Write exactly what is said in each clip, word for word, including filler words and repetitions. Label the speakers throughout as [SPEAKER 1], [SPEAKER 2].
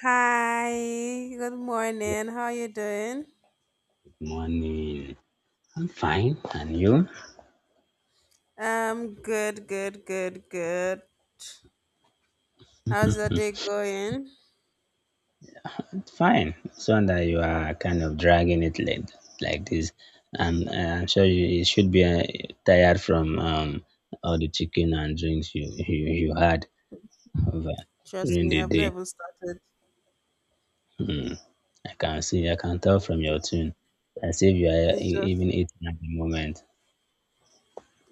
[SPEAKER 1] Hi, good morning. How you doing?
[SPEAKER 2] Morning. I'm fine. And you?
[SPEAKER 1] Um, good, good, good, good. How's the day going?
[SPEAKER 2] It's fine. It's one that you are kind of dragging it like, like this. And uh, I'm sure you, you should be uh, tired from um, all the chicken and drinks you, you, you had over
[SPEAKER 1] Trust
[SPEAKER 2] during
[SPEAKER 1] me,
[SPEAKER 2] the
[SPEAKER 1] I've
[SPEAKER 2] day.
[SPEAKER 1] never started.
[SPEAKER 2] Hmm. I can see, I can tell from your tune. As if you are
[SPEAKER 1] It's
[SPEAKER 2] e-
[SPEAKER 1] just,
[SPEAKER 2] even eating at the moment.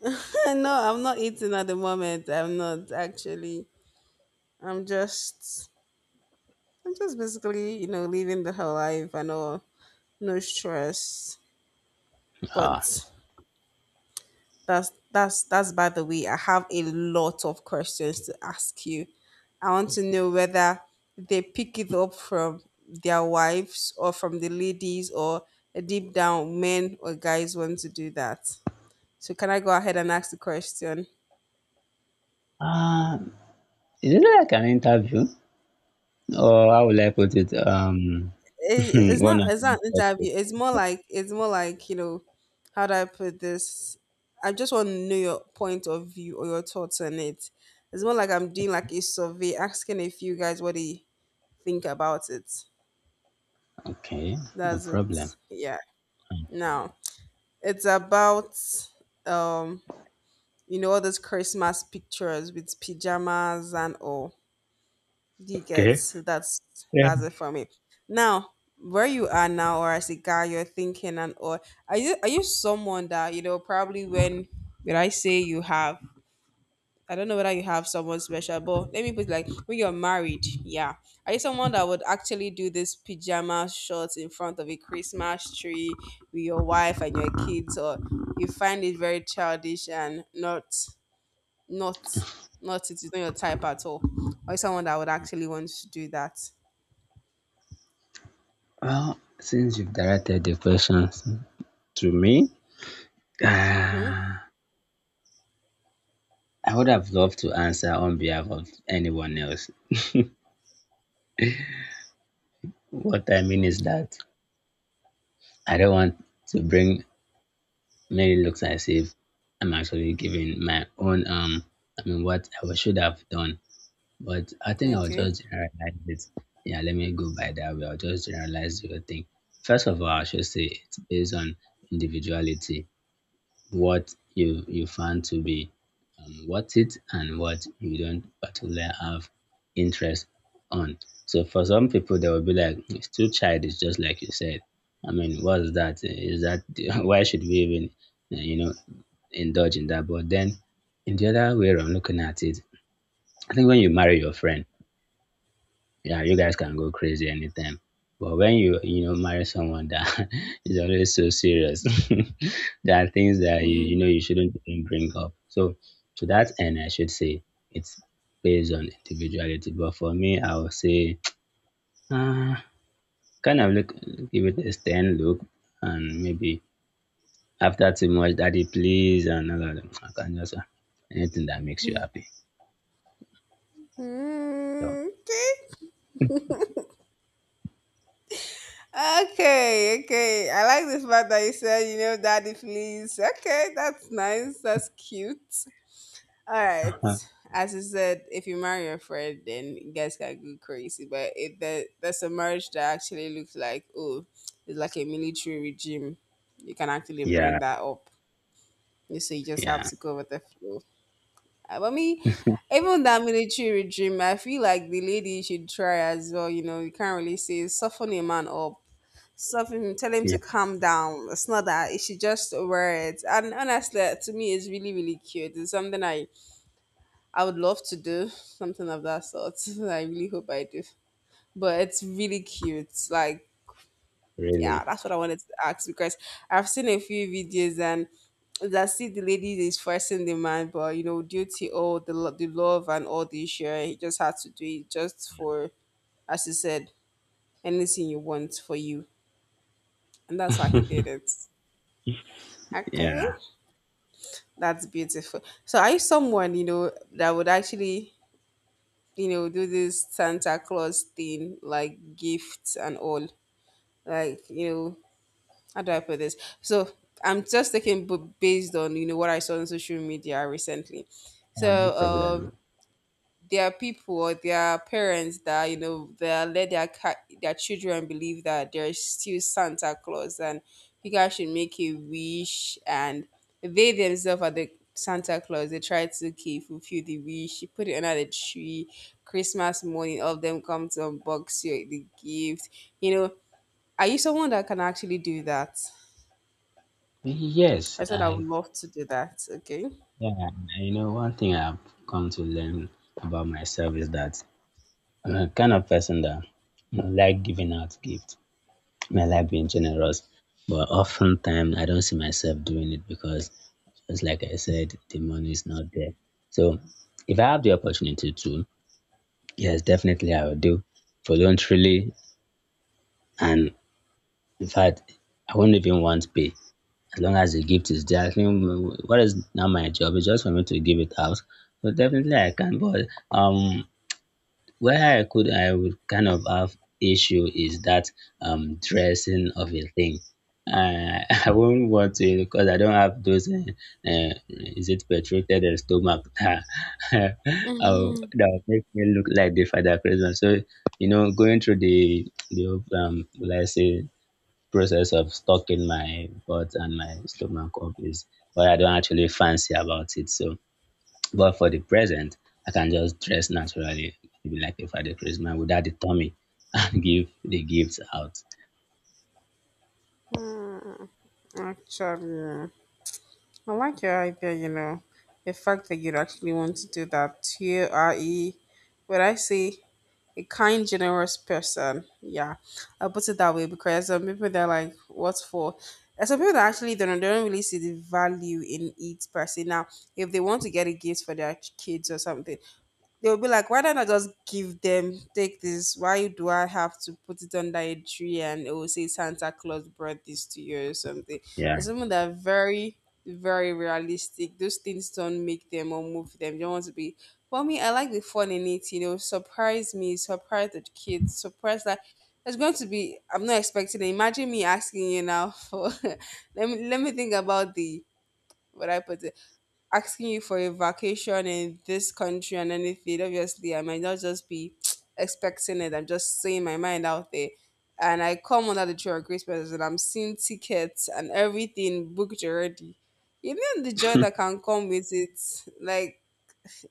[SPEAKER 1] no, I'm not eating at the moment. I'm not actually. I'm just, I'm just basically, you know, living the whole life and all, no stress. But
[SPEAKER 2] Ah.
[SPEAKER 1] That's that's that's by the way. I have a lot of questions to ask you. I want to know whether they pick it up from their wives or from the ladies, or deep down men or guys want to do that. So can I go ahead and ask the question?
[SPEAKER 2] Uh, is it like an interview? Or how will I put it? Um,
[SPEAKER 1] It- It's
[SPEAKER 2] one
[SPEAKER 1] not
[SPEAKER 2] of
[SPEAKER 1] it's not an interview. It's more
[SPEAKER 2] my.
[SPEAKER 1] like it's more like you know, how do I put this? I just want to know your point of view or your thoughts on it. It's more like I'm doing like a survey, asking a few guys what they think about it.
[SPEAKER 2] Okay, no
[SPEAKER 1] That's it.
[SPEAKER 2] problem.
[SPEAKER 1] Yeah.
[SPEAKER 2] Mm.
[SPEAKER 1] Now it's about um you know, all those Christmas pictures with pajamas and all. Do you get, so that's
[SPEAKER 2] Yeah.
[SPEAKER 1] that's it for me. Now, where you are now or as a guy you're thinking, and or are you are you someone that, you know, probably when would I say you have, I don't know whether you have someone special, but let me put it like when you're married, yeah. Are you someone that would actually do this pajama shorts in front of a Christmas tree with your wife and your kids, or you find it very childish and not not not it is not your type at all? Or someone that would actually want to do that?
[SPEAKER 2] Well, since you've directed the questions to me,
[SPEAKER 1] Mm-hmm.
[SPEAKER 2] ah, I would have loved to answer on behalf of anyone else. What I mean is that I don't want to bring many looks as if I'm actually giving my own, um, I mean, what I should have done. But I think I'll
[SPEAKER 1] Okay.
[SPEAKER 2] just generalize it. Yeah, let me go by that way. I'll just generalize the whole thing. First of all, I should say it's based on individuality, what you you find to be um, worth it and what you don't particularly have interest on. So for some people, they will be like, it's too childish, just like you said. I mean, what's that? Is that why should we even, uh, you know, indulge in that? But then, in the other way around, looking at it, I think when you marry your friend, yeah, you guys can go crazy anytime. But when you you know marry someone that is always so serious, there are things that you you
[SPEAKER 1] Mm-hmm.
[SPEAKER 2] know you shouldn't even bring up. So to that end, I should say it's based on individuality. But for me, I would say uh, kind of look, give it a stern look and maybe after too much, daddy please and all of them. I can just uh, anything that makes you happy. So
[SPEAKER 1] Okay. Okay, okay. I like the fact that you said, you know, daddy, please. Okay, that's nice. That's cute. All right. As you said, if you marry your friend, then you guys can go crazy. But it there, there's a marriage that actually looks like, oh, it's like a military regime. You can actually bring
[SPEAKER 2] yeah,
[SPEAKER 1] that up. You see, you just have
[SPEAKER 2] yeah,
[SPEAKER 1] to go with the flow. Uh, But me, even that military regime, I feel like the lady should try as well. You know, you can't really say soften a man up, something, tell him to
[SPEAKER 2] yeah,
[SPEAKER 1] calm down. It's not that he should just wear it. And honestly, to me, it's really, really cute. It's something i i would love to do something of that sort. I really hope I do, but it's really cute. Like, yeah,
[SPEAKER 2] really,
[SPEAKER 1] that's what I wanted to ask, because I've seen a few videos, and I see the lady is forcing the man, but you know, due to all the, lo- the love and all the issue, he just had to do it, just for, as you said, anything you want for you, and that's why he did it. Okay.
[SPEAKER 2] yeah.
[SPEAKER 1] That's beautiful. So are you someone, you know, that would actually, you know, do this Santa Claus thing, like gifts and all? Like, you know, how do I put this? So I'm just taking b- based on, you know, what I saw on social media recently.
[SPEAKER 2] Uh, no
[SPEAKER 1] So um,
[SPEAKER 2] problem.
[SPEAKER 1] there are people, or there are parents that, you know, they let their ca- their children believe that there is still Santa Claus, and you guys should make a wish, and they themselves are the Santa Claus. They try to, okay, fulfill the wish, you put it under the tree. Christmas morning, all of them come to unbox you the gift. You know, are you someone that can actually do that?
[SPEAKER 2] Yes,
[SPEAKER 1] I said I would
[SPEAKER 2] I,
[SPEAKER 1] love to do that. Okay.
[SPEAKER 2] yeah, you know one thing I've come to learn about myself is that I'm a kind of person that, you know, like giving out gifts. I like being generous, but oftentimes I don't see myself doing it because, just like I said, the money is not there. So if I have the opportunity to, yes, definitely I will do voluntarily. And in fact, I won't even want pay. As long as the gift is there, I think what is now my job is just for me to give it out. So definitely I can, but um, where I could I would kind of have issue is that um dressing of a thing. Uh, I won't want to because I don't have those. Uh, uh, is it petrated and stomach that will
[SPEAKER 1] Hmm.
[SPEAKER 2] that will make me look like the father Christmas. So you know, going through the the um, let's say process of stuck in my butt and my stomach up is what I don't actually fancy about it. So, but for the present, I can just dress naturally, maybe like a Father Christmas without the tummy and give the gifts out.
[SPEAKER 1] Actually, I like your idea, you know, the fact that you'd actually want to do that. You are a, what I say, a kind, generous person. Yeah, I'll put it that way, because some people they're like, "What's for?" There's some people that actually don't, they don't really see the value in it per se. Now, if they want to get a gift for their kids or something, they'll be like, why don't I just give them, take this? Why do I have to put it under a tree and it will say Santa Claus brought this to you or something?
[SPEAKER 2] Yeah.
[SPEAKER 1] And some of them are very, very realistic. Those things don't make them or move them. You don't want to be. For me, I like the fun in it, you know, surprise me, surprise the kids, surprise that. It's going to be. I'm not expecting it. Imagine me asking you now for. let me let me think about the what I put. It, asking you for a vacation in this country and anything, obviously I might not just be expecting it. I'm just saying my mind out there. And I come under the tree of grace presence and I'm seeing tickets and everything booked already. Even the joy that can come with it, like,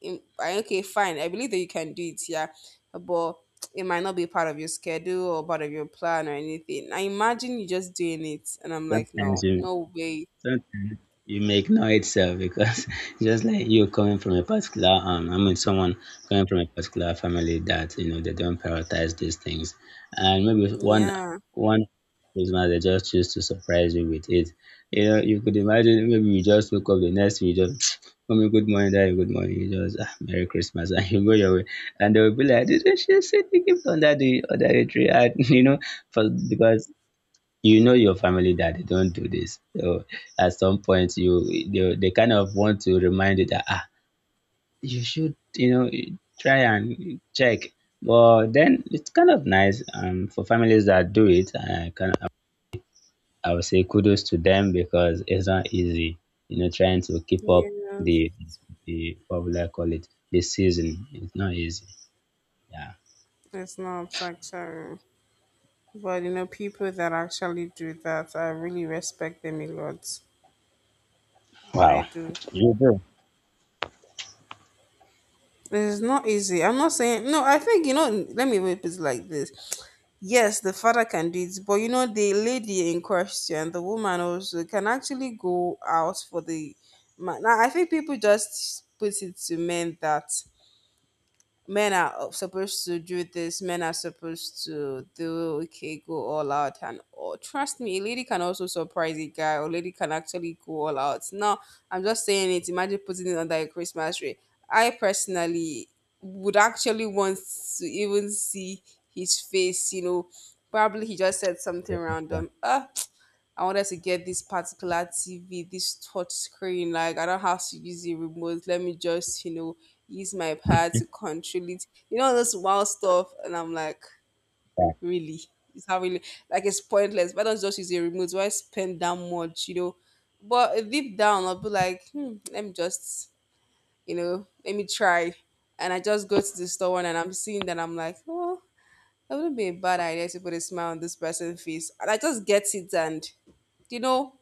[SPEAKER 1] in- I- okay, fine. I believe that you can do it, yeah. But it might not be part of your schedule or part of your plan or anything. I imagine you just doing it. And I'm like,
[SPEAKER 2] Sometimes
[SPEAKER 1] no,
[SPEAKER 2] you
[SPEAKER 1] no way.
[SPEAKER 2] Sometimes you make no itself because just like you coming from a particular um I mean someone coming from a particular family that you know they don't prioritize these things, and maybe one
[SPEAKER 1] Yeah.
[SPEAKER 2] one Christmas they just choose to surprise you with it. You know, you could imagine maybe you just woke up the next week, you just mommy good morning, daddy good morning, you just ah, Merry Christmas and you go your way. And they will be like, "Did you see the gift under the under the tree?" And you know, for because you know your family that they don't do this. So at some point, you they, they kind of want to remind you that ah, you should you know try and check. But then it's kind of nice um, for families that do it. I can I would say kudos to them because it's not easy, you know, trying to keep up
[SPEAKER 1] Yeah.
[SPEAKER 2] the the what will I call it this season. It's not easy. Yeah.
[SPEAKER 1] It's not actually. But you know, people that actually do that, I really respect them a lot. I
[SPEAKER 2] Wow.
[SPEAKER 1] do.
[SPEAKER 2] You do.
[SPEAKER 1] It's not easy. I'm not saying no. I think you know. Let me put it like this. Yes, the father can do it, but you know, the lady in question, the woman also can actually go out for the man. Now, I think people just put it to men that men are supposed to do this, men are supposed to do, okay, go all out. And oh, trust me, a lady can also surprise a guy, or lady can actually go all out. Now I'm just saying it. Imagine putting it under a Christmas tree. I personally would actually want to even see his face, you know, probably he just said something
[SPEAKER 2] Yeah.
[SPEAKER 1] random. uh I wanted to get this particular T V, this touch screen. Like, I don't have to use the remote. Let me just, you know, use my pad to control it. You know, this wild stuff. And I'm like, really? It's not really, like, it's pointless. Why don't you just use a remote? Why spend that much, you know? But deep down, I'll be like, hmm, let me just, you know, let me try. And I just go to the store one and I'm seeing that, I'm like, oh, it wouldn't be a bad idea to put a smile on this person's face. And I just get it, and, you know,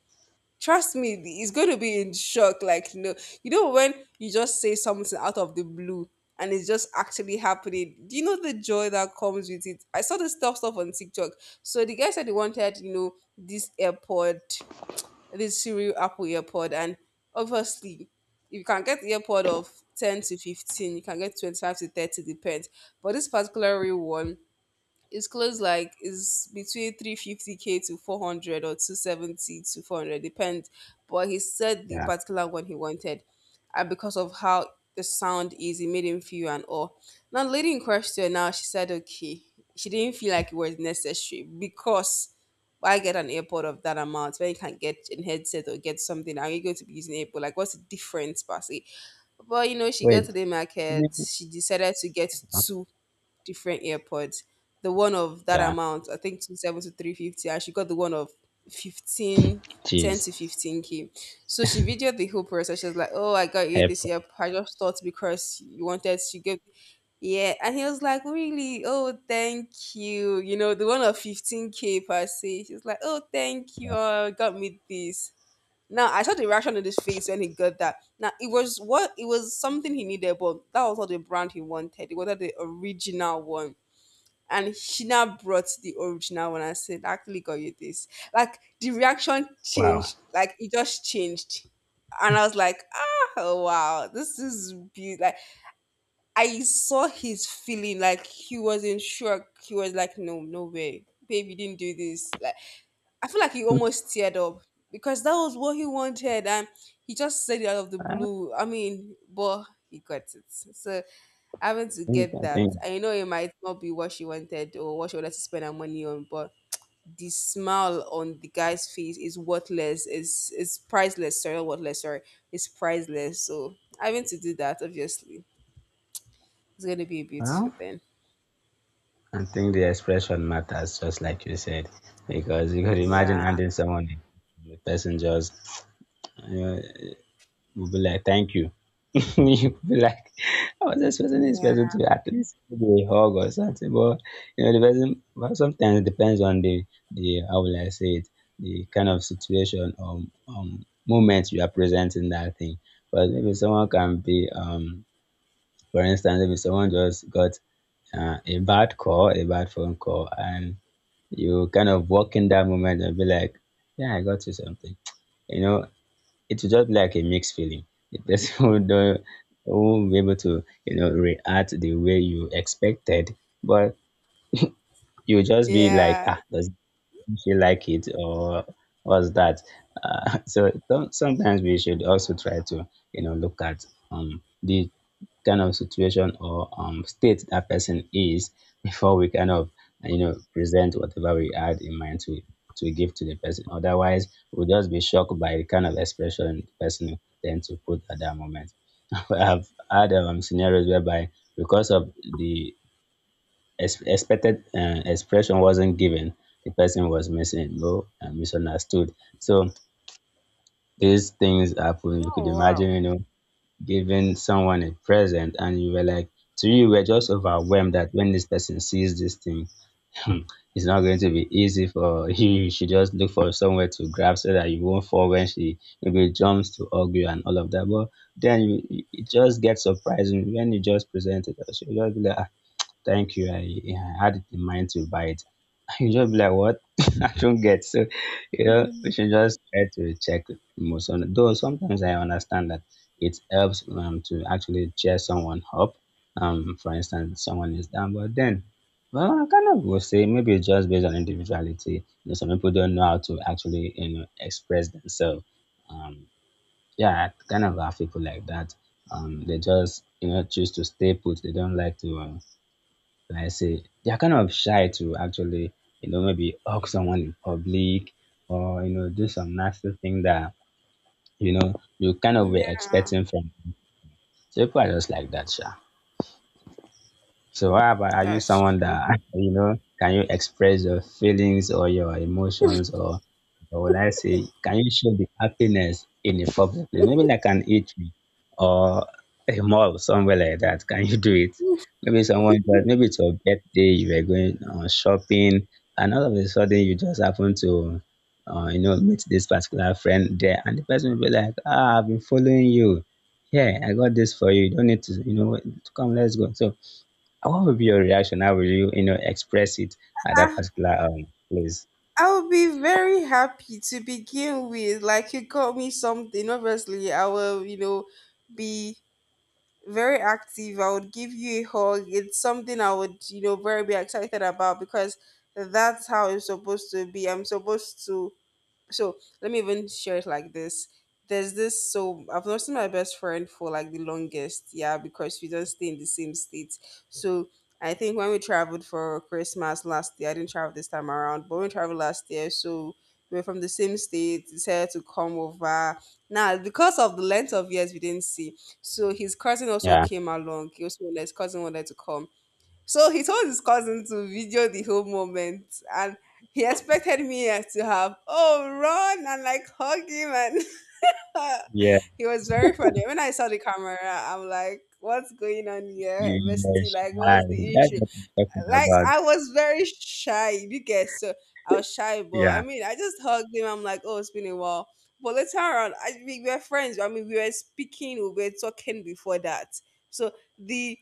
[SPEAKER 1] trust me, he's going to be in shock. Like, no, you know, when you just say something out of the blue and it's just actually happening, do you know the joy that comes with it? I saw this stuff stuff on TikTok. So the guy said he wanted, you know, this AirPod, this Siri Apple AirPod, and obviously, if you can get the AirPod of ten to fifteen, you can get twenty-five to thirty, depends. But this particular real one, it's close, like it's between three fifty k to four hundred or two seventy to four hundred, depends. But he said the
[SPEAKER 2] Yeah.
[SPEAKER 1] particular one he wanted, and because of how the sound is, it made him feel and all. Now the lady in question now, she said okay, she didn't feel like it was necessary, because why get an AirPod of that amount when you can get a headset or get something? Are you going to be using AirPod? Like, what's the difference, per se? But you know, she got to
[SPEAKER 2] Wait.
[SPEAKER 1] the market. She decided to get two different earpods. The one of that
[SPEAKER 2] Yeah.
[SPEAKER 1] amount, I think two seven to three fifty, and she got the one of fifteen, ten
[SPEAKER 2] Jeez.
[SPEAKER 1] to fifteen k. So she videoed the whole process. She was like, oh, I got you this
[SPEAKER 2] Help.
[SPEAKER 1] year. I just thought because you wanted, she gave, yeah. And he was like, really? Oh, thank you. You know, the one of fifteen k per se. She was like, oh, thank you. Oh, got me this. Now I saw the reaction on his face when he got that. Now it was, what it was something he needed, but that was not the brand he wanted. He wanted the original one, and she now brought the original one and said, "I actually got you this." Like the reaction
[SPEAKER 2] Wow.
[SPEAKER 1] changed, like it just changed. And I was like, ah, oh, wow, this is beautiful. Like, I saw his feeling, like he was in shock. He was like, no, no way, babe, you didn't do this. Like I feel like he almost teared up, because that was what he wanted, and he just said it out of the blue. I mean, but he got it. So having to
[SPEAKER 2] think,
[SPEAKER 1] get
[SPEAKER 2] I
[SPEAKER 1] that.
[SPEAKER 2] think,
[SPEAKER 1] I know it might not be what she wanted or what she wanted to spend her money on, but the smile on the guy's face is worthless. It's it's priceless. Sorry, not worthless. Sorry, it's priceless. So having to do that, obviously, it's gonna be a beautiful
[SPEAKER 2] well,
[SPEAKER 1] thing.
[SPEAKER 2] I think the expression matters, just like you said, because you could imagine
[SPEAKER 1] Yeah,
[SPEAKER 2] handing someone a- the person just you know, will be like, "Thank you." You will be like, "I was expecting this
[SPEAKER 1] yeah,
[SPEAKER 2] person to at least give me a hug or something," but you know, the person. Well, sometimes it depends on the the how will I say it, the kind of situation or um moment you are presenting that thing. But maybe someone can be um, for instance, maybe someone just got uh, a bad call, a bad phone call, and you kind of walk in that moment and be like, "Yeah, I got you something." You know, it will just be like a mixed feeling. The person who don't won't be able to, you know, react the way you expected, but you just be like,
[SPEAKER 1] yeah.
[SPEAKER 2] "Ah, does she like it?" or "What's that?" Uh, so don't, sometimes we should also try to, you know, look at um the kind of situation or um, state that person is before we kind of you know present whatever we had in mind to to give to the person. Otherwise, we'll just be shocked by the kind of expression the person tend to put at that moment. I've had um, scenarios whereby, because of the ex- expected uh, expression wasn't given, the person was missing, low, and misunderstood. So these things happen. You could
[SPEAKER 1] Oh
[SPEAKER 2] imagine, you know, giving someone a present and you were like, to you you were just overwhelmed that when this person sees this thing, hmm, it's not going to be easy for you you should just look for somewhere to grab so that you won't fall when she maybe jumps to hug you and all of that. But then you you- it just gets surprising when you just present it, she'll just be like ah, thank you, I, I had it in mind to buy it, you just be like, what? I don't get. So, you know, we
[SPEAKER 1] wow.
[SPEAKER 2] should just try to check emotion. Though sometimes I understand that it helps um, to actually cheer someone up. Um, for instance, someone is down, but then, well, I kind of will say maybe it's just based on individuality. You know, some people don't know how to actually, you know, express themselves. Um, yeah, I kind of have people like that. Um, they just, you know, choose to stay put. They don't like to um, like I say, they're kind of shy to actually, you know, maybe hug someone in public or, you know, do some nasty thing that, you know, you kind of were
[SPEAKER 1] Yeah,
[SPEAKER 2] expecting from. So people are just like that, sha. So how about are you
[SPEAKER 1] that's
[SPEAKER 2] someone
[SPEAKER 1] true.
[SPEAKER 2] that you know can you express your feelings or your emotions or or will I say can you show the happiness in a public place? Maybe like an eatery or a mall somewhere like that. Can you do it? Maybe someone but maybe it's your birthday, you were going on shopping, and all of a sudden you just happen to uh, you know meet this particular friend there, and the person will be like, "Ah, I've been following you. Yeah, I got this for you. You don't need to you know to come, let's go." So what would be your reaction? How will you, you know, express it at that
[SPEAKER 1] I,
[SPEAKER 2] particular um place?
[SPEAKER 1] I'll be very happy to begin with. Like you got me something. Obviously, I will, you know, be very active. I would give you a hug. It's something I would, you know, very be excited about because that's how it's supposed to be. I'm supposed to. So let me even share it like this. There's this, so I've not seen my best friend for like the longest. Yeah, because we don't stay in the same state. So I think when we traveled for Christmas last year, I didn't travel this time around, but we traveled last year. So we are from the same state, decided to come over now because of the length of years we didn't see. So his cousin also
[SPEAKER 2] Yeah.
[SPEAKER 1] came along. He also his cousin wanted to come. So he told his cousin to video the whole moment, and he expected me to have, oh, run and like hug him. And
[SPEAKER 2] Yeah.
[SPEAKER 1] he was very funny. When I saw the camera, I'm like, what's going on here,
[SPEAKER 2] You were
[SPEAKER 1] bestie? Like,
[SPEAKER 2] shy.
[SPEAKER 1] what's the
[SPEAKER 2] That's
[SPEAKER 1] issue?
[SPEAKER 2] what I'm talking
[SPEAKER 1] Like,
[SPEAKER 2] about.
[SPEAKER 1] I was very shy, you guess. So I was shy, but I
[SPEAKER 2] Yeah.
[SPEAKER 1] mean, I just hugged him. I'm like, oh, it's been a while. But later on, I, we were friends. I mean, we were speaking, we were talking before that. So the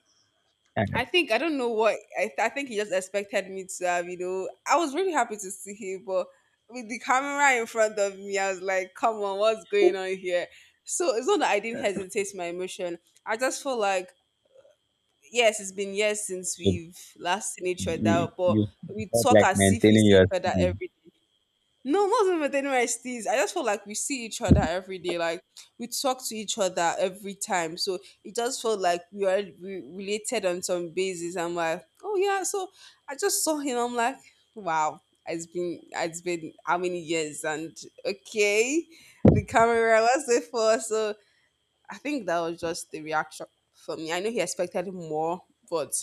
[SPEAKER 2] And
[SPEAKER 1] I think I don't know what I, th- I think he just expected me to have. You know, I was really happy to see him, but with the camera in front of me, I was like, "Come on, what's going on here?" So it's not that I didn't hesitate my emotion. I just felt like, yes, it's been years since
[SPEAKER 2] you,
[SPEAKER 1] we've last seen each
[SPEAKER 2] you,
[SPEAKER 1] other, but
[SPEAKER 2] you
[SPEAKER 1] we
[SPEAKER 2] felt
[SPEAKER 1] talk
[SPEAKER 2] like
[SPEAKER 1] as if we
[SPEAKER 2] maintaining
[SPEAKER 1] see each
[SPEAKER 2] your
[SPEAKER 1] other
[SPEAKER 2] speed.
[SPEAKER 1] every day. No, not even N Y S Ts. I just feel like we see each other every day. Like we talk to each other every time. So it just felt like we are re- related on some basis. I'm like, oh yeah. So I just saw him. I'm like, wow. It's been it's been how many years? And okay, the camera was it for? So I think that was just the reaction for me. I know he expected more, but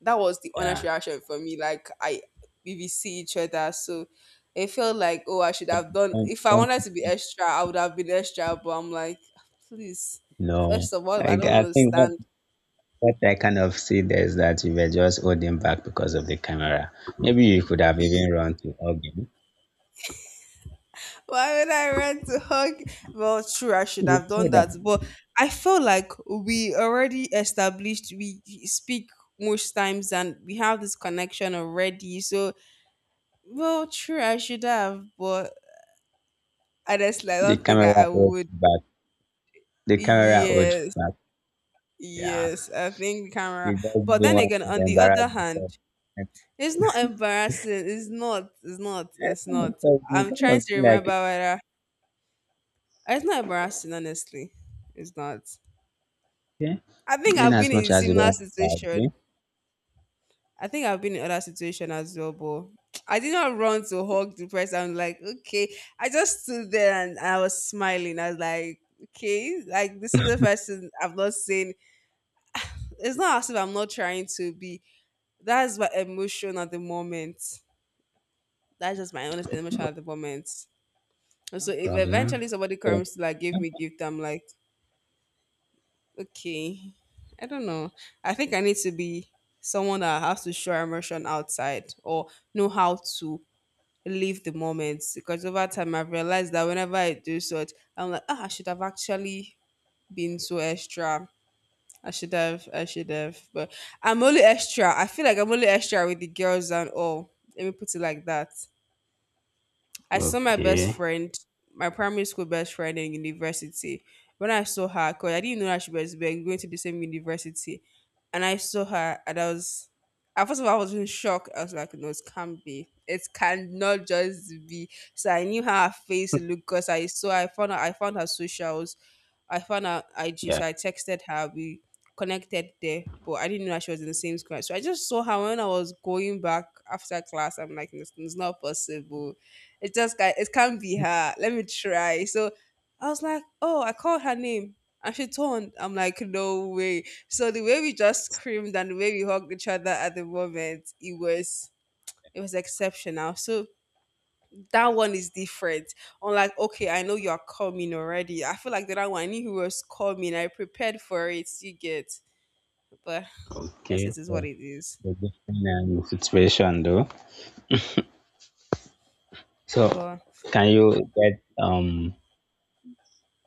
[SPEAKER 1] that was the honest
[SPEAKER 2] Yeah.
[SPEAKER 1] reaction for me. Like I, we we see each other, so it felt like, oh, I should
[SPEAKER 2] Don't-
[SPEAKER 1] have done.
[SPEAKER 2] don't-
[SPEAKER 1] If I wanted
[SPEAKER 2] don't-
[SPEAKER 1] to be extra, I would have been extra. But I'm like, please.
[SPEAKER 2] No.
[SPEAKER 1] First of all,
[SPEAKER 2] I,
[SPEAKER 1] I don't
[SPEAKER 2] I think what,
[SPEAKER 1] understand.
[SPEAKER 2] what I kind of see there is that you were just holding back because of the camera. Maybe you could have even run to Ogden.
[SPEAKER 1] Why would I run to hug? Well, true, I should
[SPEAKER 2] You
[SPEAKER 1] have done
[SPEAKER 2] could have.
[SPEAKER 1] that, but I felt like we already established. We speak most times, and we have this connection already. So well, true, I should have, but honestly, I
[SPEAKER 2] The
[SPEAKER 1] don't think
[SPEAKER 2] camera
[SPEAKER 1] I, I
[SPEAKER 2] holds
[SPEAKER 1] would.
[SPEAKER 2] you back. The camera holds you
[SPEAKER 1] Yes,
[SPEAKER 2] back. Yeah.
[SPEAKER 1] yes, I think camera.
[SPEAKER 2] You just didn't
[SPEAKER 1] But then
[SPEAKER 2] want
[SPEAKER 1] again,
[SPEAKER 2] to
[SPEAKER 1] on the
[SPEAKER 2] embarrass
[SPEAKER 1] other hand,
[SPEAKER 2] yourself. And
[SPEAKER 1] it's not embarrassing. It's not. It's not.
[SPEAKER 2] eh,
[SPEAKER 1] It's not.
[SPEAKER 2] because we
[SPEAKER 1] I'm
[SPEAKER 2] kind
[SPEAKER 1] trying
[SPEAKER 2] of
[SPEAKER 1] to
[SPEAKER 2] feel
[SPEAKER 1] remember
[SPEAKER 2] like,
[SPEAKER 1] whether it's not embarrassing. Honestly, it's not.
[SPEAKER 2] okay,
[SPEAKER 1] I think
[SPEAKER 2] in
[SPEAKER 1] I've been
[SPEAKER 2] as
[SPEAKER 1] in
[SPEAKER 2] much
[SPEAKER 1] a
[SPEAKER 2] as you
[SPEAKER 1] similar
[SPEAKER 2] don't want to
[SPEAKER 1] situation.
[SPEAKER 2] agree,
[SPEAKER 1] I think I've been in other situation as well, but I did not run to hug the person. I'm like, okay. I just stood there and I was smiling. I was like, okay, like this is the person I've not seen. It's not as if I'm not trying to be. That's my emotion at the moment. That's just my honest emotion
[SPEAKER 2] no
[SPEAKER 1] at the moment. And so if
[SPEAKER 2] problem.
[SPEAKER 1] eventually somebody
[SPEAKER 2] So,
[SPEAKER 1] comes to like give me gift, I'm like, okay, I don't know. I think I need to be someone that has to show emotion outside or know how to live the moment because over time I've realized that whenever I do such, I'm like, ah, I should have actually been so extra. I should have, I should have. But I'm only extra. I feel like I'm only extra with the girls and all. Let me put it like that. I saw my best
[SPEAKER 2] okay,
[SPEAKER 1] friend, my primary school best friend in university. When I saw her, because I didn't know that she was we were going to the same university, and I saw her, and I was, at first of all, I was in shock. I was like, no, it can't be. It cannot just be. So I knew how her face looked because I saw, I found her, I found her socials. I found out I G,
[SPEAKER 2] yeah,
[SPEAKER 1] so I texted her. We connected there, but I didn't know that she was in the same class. So I just saw her when I was going back after class. I'm like, it's, it's not possible. It just ca- it can't be her. Let me try. So I was like, oh, I called her name. And she turned. I'm like, no way. So the way we just screamed and the way we hugged each other at the moment, it was it was exceptional. So that one is different. Unlike, okay, I know you're coming already. I feel like the other one, I knew he was coming. I prepared for it. You get, but I guess
[SPEAKER 2] okay.
[SPEAKER 1] it is what
[SPEAKER 2] So,
[SPEAKER 1] it is.
[SPEAKER 2] the different um, situation though. So,
[SPEAKER 1] But
[SPEAKER 2] can you get um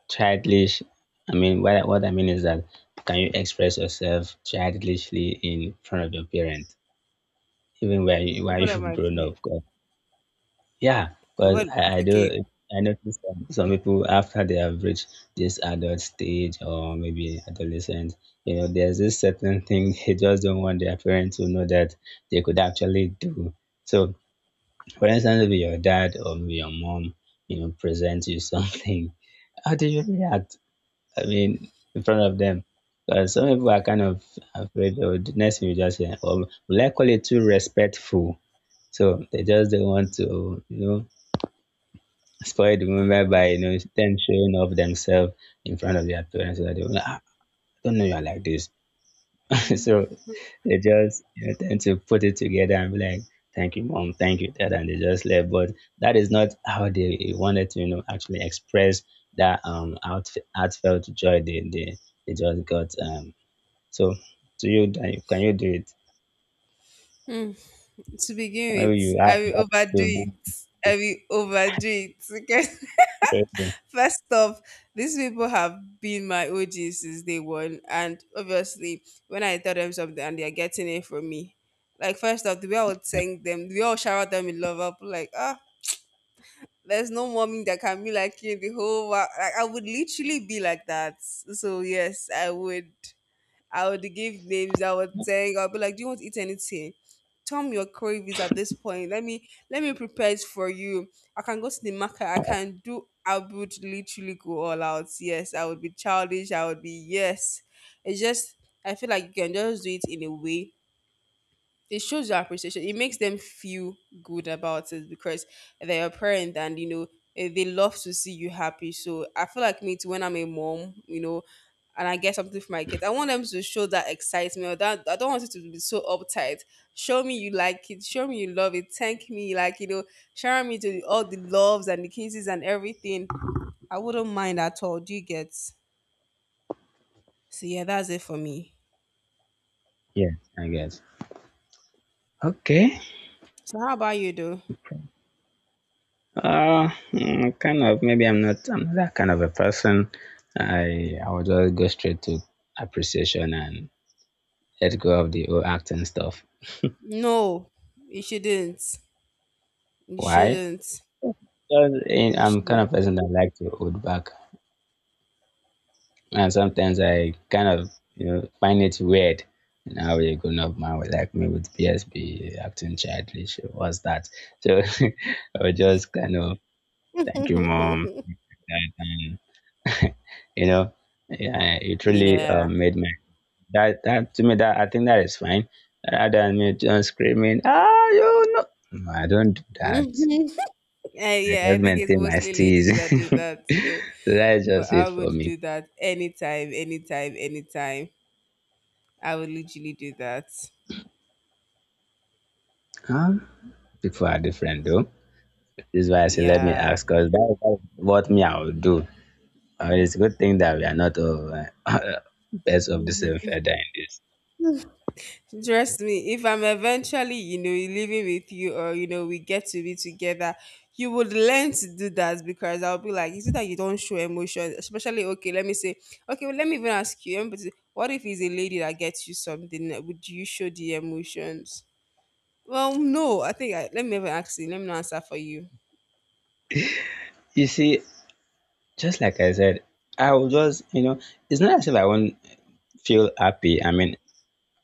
[SPEAKER 2] childish? I mean, what, I- what I mean is that can you express yourself childishly in front of your parents, even when you, when
[SPEAKER 1] what am
[SPEAKER 2] you've
[SPEAKER 1] I?
[SPEAKER 2] grown up? Yeah, because
[SPEAKER 1] What?
[SPEAKER 2] I, I
[SPEAKER 1] Okay.
[SPEAKER 2] do. I notice some, some people after they have reached this adult stage or maybe adolescent, you know, there's this certain thing they just don't want their parents to know that they could actually do. So, for instance, if your dad or maybe your mom, you know, presents you something, how do you react? I mean, in front of them. Because some people are kind of afraid, or the next thing you just say, or will I call it too respectful? So they just don't want to, you know, spoiled women by
[SPEAKER 1] Um,
[SPEAKER 2] you know them showing off themselves in front of their parents so that they will like, "Ah, I don't know you're like this." So they just you know tend to put it together and be like, "Thank you, mom, thank you, dad," and they just left. But that is not how they wanted to, you know, actually express that um out heartfelt joy they they, they just got. Um so to you Dan, can you do it?
[SPEAKER 1] hmm, to begin
[SPEAKER 2] Maybe
[SPEAKER 1] with,
[SPEAKER 2] you
[SPEAKER 1] I
[SPEAKER 2] have you
[SPEAKER 1] will
[SPEAKER 2] have
[SPEAKER 1] overdo
[SPEAKER 2] to
[SPEAKER 1] it. I will overdo it. Okay.
[SPEAKER 2] do it.
[SPEAKER 1] First off, these people have been my O Gs since day one, and obviously, when I tell them something and they are getting it from me, like first off, the way I would thank them, the way I would shower them in love, I'll be like, ah, there's no mommy that can be like you in the whole world. Like I would literally be like that. So yes, I would. I would give names. I would say, I'll be like, "Do you want to eat anything? Tell me your cravings at this point. Let me let me prepare it for you. I can go to the market. I can do. I would literally go all out. Yes, I would be childish. I would be yes. It's just I feel like you can just do it in a way it shows your appreciation. It makes them feel good about it because they're a parent, and you know eh, they love to see you happy. So I feel like me too when I'm a mom, you know, and I get something for my kids. I want them to show that excitement, or that I don't want it to be so uptight. Show me you like it. Show me you love it. Thank me, like you know, showering me to the, all the loves and the kisses and everything. I wouldn't mind at all. Do you get? So yeah, that's it for me.
[SPEAKER 2] Yeah, I guess. Okay.
[SPEAKER 1] So how about you though?
[SPEAKER 2] Uh, mm, kind of. Maybe I'm not. I'm not that kind of a person. I I would just go straight to appreciation and let go of the old acting stuff.
[SPEAKER 1] No, you shouldn't. You
[SPEAKER 2] Why?
[SPEAKER 1] shouldn't.
[SPEAKER 2] Because eh,
[SPEAKER 1] You
[SPEAKER 2] I'm kind
[SPEAKER 1] shouldn't.
[SPEAKER 2] of person that like to hold back, and sometimes I kind of you know find it weird. You know, how a grown up man would like me with P S B acting childish. What's that? So I would just kind of thank you, mom. That, and, you know, yeah, it really uh,
[SPEAKER 1] Yeah.
[SPEAKER 2] made my That that to me, that I think, that is fine. Rather than me just screaming, ah, you know no, I don't do that.
[SPEAKER 1] Mhm.
[SPEAKER 2] I
[SPEAKER 1] Uh, yeah, I
[SPEAKER 2] just
[SPEAKER 1] think it's
[SPEAKER 2] maintain my
[SPEAKER 1] mostly
[SPEAKER 2] steeze.
[SPEAKER 1] ladies that do that. So.
[SPEAKER 2] So that's
[SPEAKER 1] But
[SPEAKER 2] just
[SPEAKER 1] I
[SPEAKER 2] it for
[SPEAKER 1] would
[SPEAKER 2] me.
[SPEAKER 1] do that anytime, anytime, anytime. I would literally do that.
[SPEAKER 2] Um People are different though. This is why I say let me
[SPEAKER 1] Yeah.
[SPEAKER 2] ask because that, that's what me I will do. Uh, it's a good thing that we are not of uh, birds of the same feather in this.
[SPEAKER 1] Trust me, if I'm eventually, you know, living with you, or, you know, we get to be together, you would learn to do that because I'll be like, is it that you don't show emotion? Especially, okay, let me say, okay, well, let me even ask you, let me what if it's a lady that gets you something? Would you show the emotions? Well, no, I think I, let me even ask you. Let me not answer for you.
[SPEAKER 2] You see, just like I said, I will just you know, it's not as if I won't feel happy. I mean,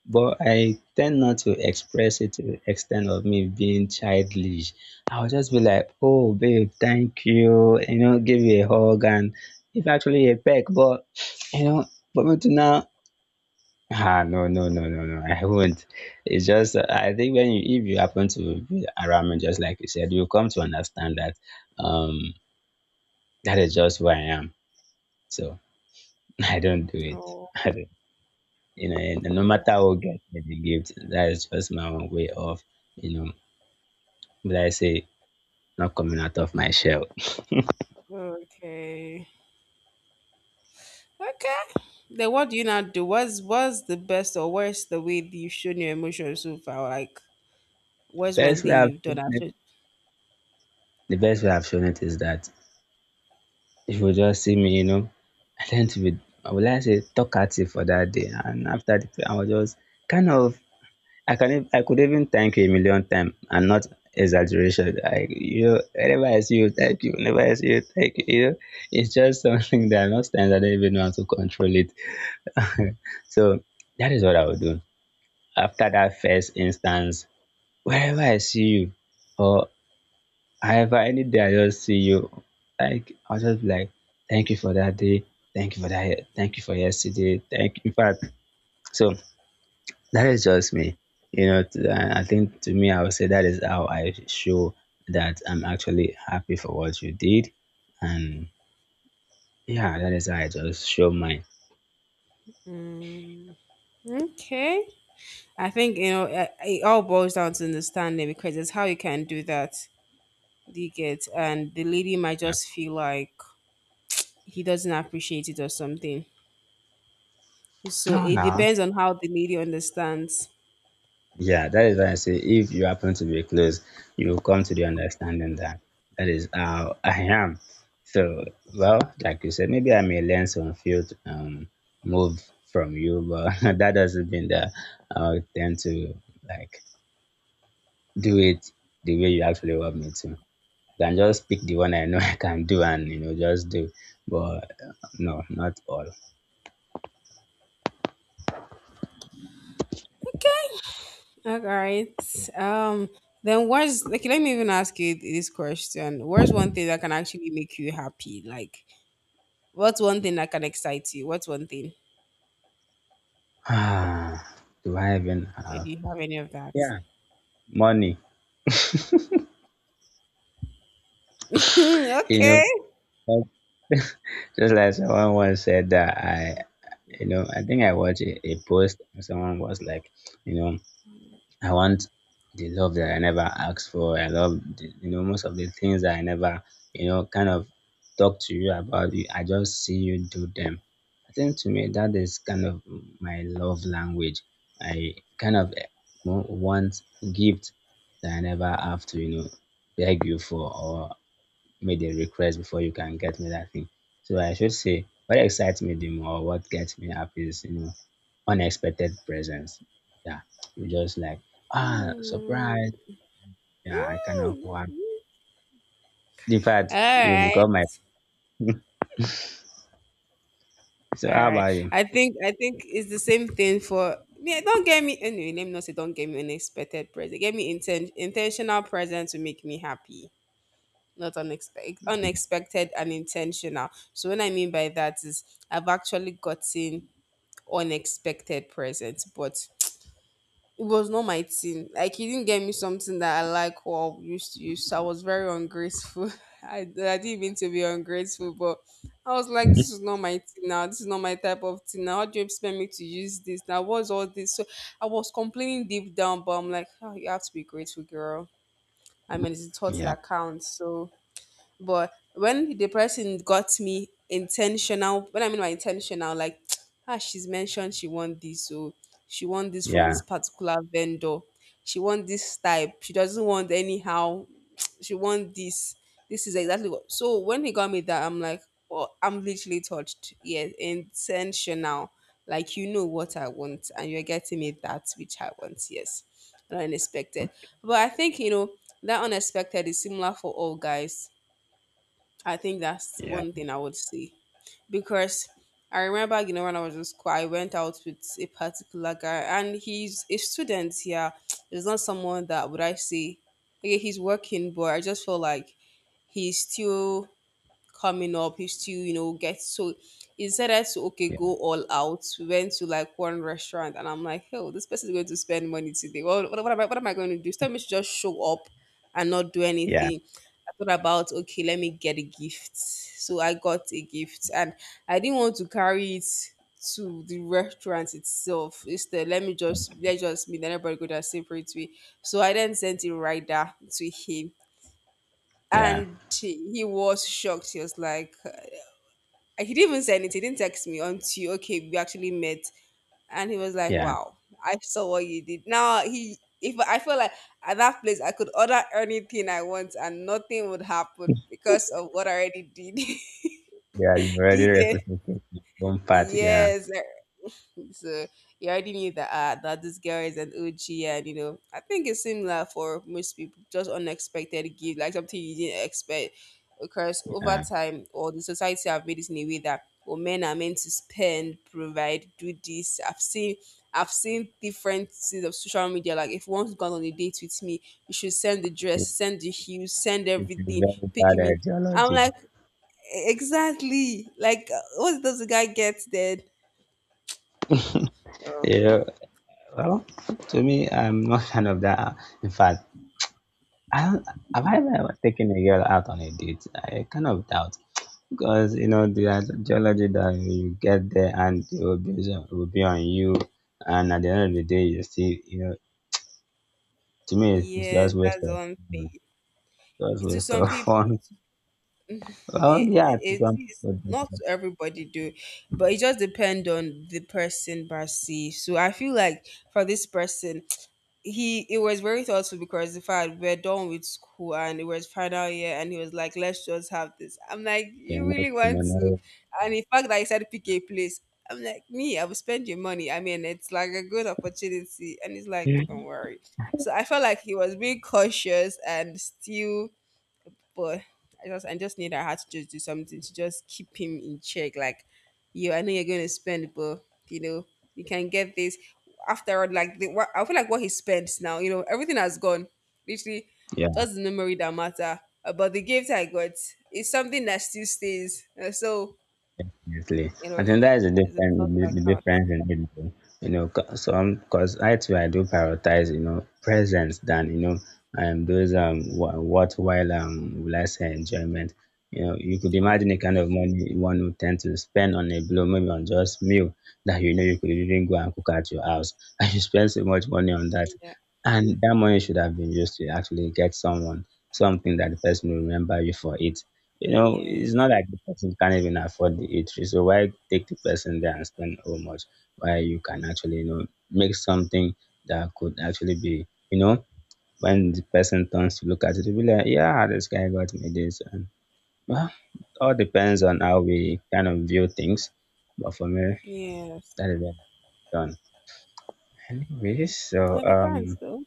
[SPEAKER 2] but I tend not to express it to the extent of me being childish. I'll just be like, "Oh, babe, thank you," you know, give you a hug and if actually a peck. But you know, but me to now, ah, no, no, no, no, no, I won't. It's just uh, I think when you if you happen to be around me, just like you said, you come to understand that um that is just who I am. So I don't do
[SPEAKER 1] Oh,
[SPEAKER 2] it. You know, and no
[SPEAKER 1] all right.
[SPEAKER 2] matter what gets me the gift, that is just my own way of, you know, like I say, not coming out of my shell.
[SPEAKER 1] Okay. Okay. Then what do you now do? What's what's the best or worst the way that you've shown your emotions so far? Like, what's one
[SPEAKER 2] Best way
[SPEAKER 1] thing
[SPEAKER 2] I've
[SPEAKER 1] you've done?
[SPEAKER 2] shown
[SPEAKER 1] I
[SPEAKER 2] it,
[SPEAKER 1] should.
[SPEAKER 2] The best way I've shown it is that if you just see me, you know, I tend to be, I would like to say, talkative for that day, and after the, I was just kind of, I can, ev- I could even thank you a million times, and not exaggeration. Like you know, whenever I see you, thank you. Whenever I see you, thank you. You know, it's just something that most times I don't even know how to control it. So that is what I would do. After that first instance, wherever I see you, or however any day I just see you, like I'll just be like, thank you for that day, thank you for that, ye- thank you for yesterday, thank you. In fact, so that is just me. You know, to- I I think to me, I would say that is how I show that I'm actually happy for what you did, and yeah, that is how I just show mine.
[SPEAKER 1] Okay. I think you know it, it all boils down to understanding because it's how you can do that. Do you get? And the lady might just feel like he doesn't appreciate it or something. So
[SPEAKER 2] No,
[SPEAKER 1] it
[SPEAKER 2] no.
[SPEAKER 1] depends on how the lady understands.
[SPEAKER 2] Yeah, that is why I say if you happen to be close, you will come to the understanding that that is how I am. So, well, like you said, maybe I may learn some field um move from you, but that doesn't mean that I'll tend to like do it the way you actually want me to. I can just pick the one I know I can do and you know just do, but uh, no, not all.
[SPEAKER 1] Okay. All right. Um, then what's like, let me even ask you this question. What's one thing that can actually make you happy? Like what's one thing that can excite you? What's one thing?
[SPEAKER 2] Ah, do I even
[SPEAKER 1] Maybe
[SPEAKER 2] have,
[SPEAKER 1] you have any of that?
[SPEAKER 2] yeah, money?
[SPEAKER 1] Hmm, okay.
[SPEAKER 2] You know. Just like someone once said that I, you know, I think I watched a, a post and someone was like, you know, I want the love that I never asked for. I love, the, you know, most of the things that I never, you know, kind of talk to you about. You, I just see you do them. I think to me that is kind of my love language. I kind of eh, wa- want gift that I never have to, you know, beg you for or made a request before you can get me that thing. So I should say what excites me the more, what gets me up is, you know, unexpected presents. Yeah. You just like, ah,
[SPEAKER 1] Mm,
[SPEAKER 2] surprise. Yeah, I cannot one.
[SPEAKER 1] mm.
[SPEAKER 2] In
[SPEAKER 1] All
[SPEAKER 2] fact, you
[SPEAKER 1] right.
[SPEAKER 2] become my, so
[SPEAKER 1] All
[SPEAKER 2] how
[SPEAKER 1] right.
[SPEAKER 2] about you?
[SPEAKER 1] I think I think it's the same thing for, yeah, don't get me anyway, let me not say don't get me unexpected present. Get me inten- intentional present to make me happy. Not unexpected, unexpected and intentional. So what I mean by that is I've actually gotten unexpected presents, but it was not my thing. Like he didn't get me something that I like or used to use, so I was very ungrateful. I, I didn't mean to be ungrateful, but I was like,
[SPEAKER 2] Yeah,
[SPEAKER 1] this is not my thing now, this is not my type of thing now, how do you expect me to use this now, what's all this? So I was complaining deep down, but I'm like, oh, you have to be grateful, girl. I mean, it's the thought
[SPEAKER 2] yeah,
[SPEAKER 1] that counts. So but when the person got me intentional, when I mean by intentional, like, ah, she's mentioned she want this, so she want this from this
[SPEAKER 2] yeah,
[SPEAKER 1] particular vendor. She want this type. She doesn't want anyhow. She want this. This is exactly what. So when he got me that, I'm like, oh, I'm literally touched. Yes, intentional. Like, you know what I want, and you're getting me that which I want. Yes, unexpected. But I think, you know, that unexpected is similar for all guys. I think that's
[SPEAKER 2] yeah,
[SPEAKER 1] one thing I would say. Because I remember, you know, when I was in school, I went out with a particular guy, and he's a student here. He's not someone that would, I say, okay, he's working, but I just feel like he's still coming up. He's still, you know, gets so instead I to okay, go all out. We went to like one restaurant, and I'm like, oh, this person is going to spend money today. Well, what, what am I? What am I going to do? Tell me to just show up and not do
[SPEAKER 2] yeah,
[SPEAKER 1] anything. Thought about okay, let me get a gift. So I got a gift, and I didn't want to carry it to the restaurant itself. Instead, let me just let, just me then everybody go their separate way. So I then sent it right there to him,
[SPEAKER 2] yeah,
[SPEAKER 1] and he was shocked. He was like, he didn't even say anything. He didn't text me until okay, we actually met, and he was like,
[SPEAKER 2] yeah.
[SPEAKER 1] "Wow, I saw what you did." Now he, if I feel like at that place, I could order anything I want and nothing would happen because of what I already did.
[SPEAKER 2] Yeah, you've
[SPEAKER 1] Do
[SPEAKER 2] already
[SPEAKER 1] you get?
[SPEAKER 2] represented your own part, yeah,
[SPEAKER 1] Yes, so you already knew that uh, that this girl is an O G, and you know, I think it's similar for most people, just unexpected gift, like something you didn't expect, because over
[SPEAKER 2] yeah.
[SPEAKER 1] time or the society have made it in a way that oh, men are meant to spend, provide, do this. I've seen I've seen different things of social media. Like if one's gone on a date with me, you should send the
[SPEAKER 2] It,
[SPEAKER 1] dress, send the heels, send
[SPEAKER 2] it's a
[SPEAKER 1] everything,
[SPEAKER 2] very
[SPEAKER 1] pick
[SPEAKER 2] bad
[SPEAKER 1] me. I'm
[SPEAKER 2] ideology.
[SPEAKER 1] like, "E-, exactly, like uh, what does the guy get then?
[SPEAKER 2] You know, well, to me, I'm not fan of that. In fact, I don't, have I ever taken a girl out on a date? I kind of doubt because you know the ideology that you get there and it will be it will be on you, and at the end of the day, you see, you know, to me, it's
[SPEAKER 1] Yes,
[SPEAKER 2] just waste
[SPEAKER 1] that's
[SPEAKER 2] of
[SPEAKER 1] one
[SPEAKER 2] mm,
[SPEAKER 1] thing.
[SPEAKER 2] just
[SPEAKER 1] To
[SPEAKER 2] waste
[SPEAKER 1] some
[SPEAKER 2] of
[SPEAKER 1] people,
[SPEAKER 2] fun.
[SPEAKER 1] it,
[SPEAKER 2] Well, yeah, to
[SPEAKER 1] it
[SPEAKER 2] some
[SPEAKER 1] is
[SPEAKER 2] people,
[SPEAKER 1] not to everybody do, but it just depend on the person, Basi. So I feel like for this person, he, it was very thoughtful because the fact we're done with school and it was final year, and he was like, let's just have this. I'm like,
[SPEAKER 2] they
[SPEAKER 1] you
[SPEAKER 2] make
[SPEAKER 1] really
[SPEAKER 2] the
[SPEAKER 1] want to?
[SPEAKER 2] memory.
[SPEAKER 1] And in fact that he said pick a place, I'm like, me, I will spend your money. I mean, it's like a good opportunity, and he's like, don't worry. So I felt like he was being cautious and still, but I just I just need I had to just do something to just keep him in check. Like, you, I know you're going to spend, but you know you can get this. After all, like the, what, I feel like what he spends now, you know, everything has gone. Literally,
[SPEAKER 2] Yeah.
[SPEAKER 1] just the memory that matter. Uh, But the gift I got is something that still stays. Uh, So
[SPEAKER 2] Definitely.
[SPEAKER 1] you know,
[SPEAKER 2] I think that is the
[SPEAKER 1] it's a thought that
[SPEAKER 2] difference, the
[SPEAKER 1] counts.
[SPEAKER 2] difference in it, though. You know, 'cause some because I too I do prioritize, you know, presence than you know, um, those um, wha- worthwhile um, will I say enjoyment. You know, you could
[SPEAKER 1] Yeah,
[SPEAKER 2] imagine the kind of money one would tend to spend on a blow, maybe on just meal that you know you could even go and cook at your house, and you spend so much money on that,
[SPEAKER 1] yeah,
[SPEAKER 2] and that money should have been used to actually get someone something that the person will remember you for it. You know, it's
[SPEAKER 1] yes,
[SPEAKER 2] not like the person can't even afford the eatery. So why take the person there and spend so much? Why you can actually, you know, make something that could actually be, you know, when the person turns to look at it, they'll be like, yeah, this guy got me this. And well, it all depends on how we kind of view things. But for me,
[SPEAKER 1] yes.
[SPEAKER 2] that is it done. Anyways, so
[SPEAKER 1] It depends,
[SPEAKER 2] um,
[SPEAKER 1] though.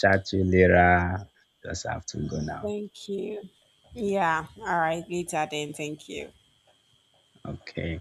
[SPEAKER 2] chat to you later. Just have to go now.
[SPEAKER 1] Thank you. Yeah. All right. Later then. Thank you.
[SPEAKER 2] Okay.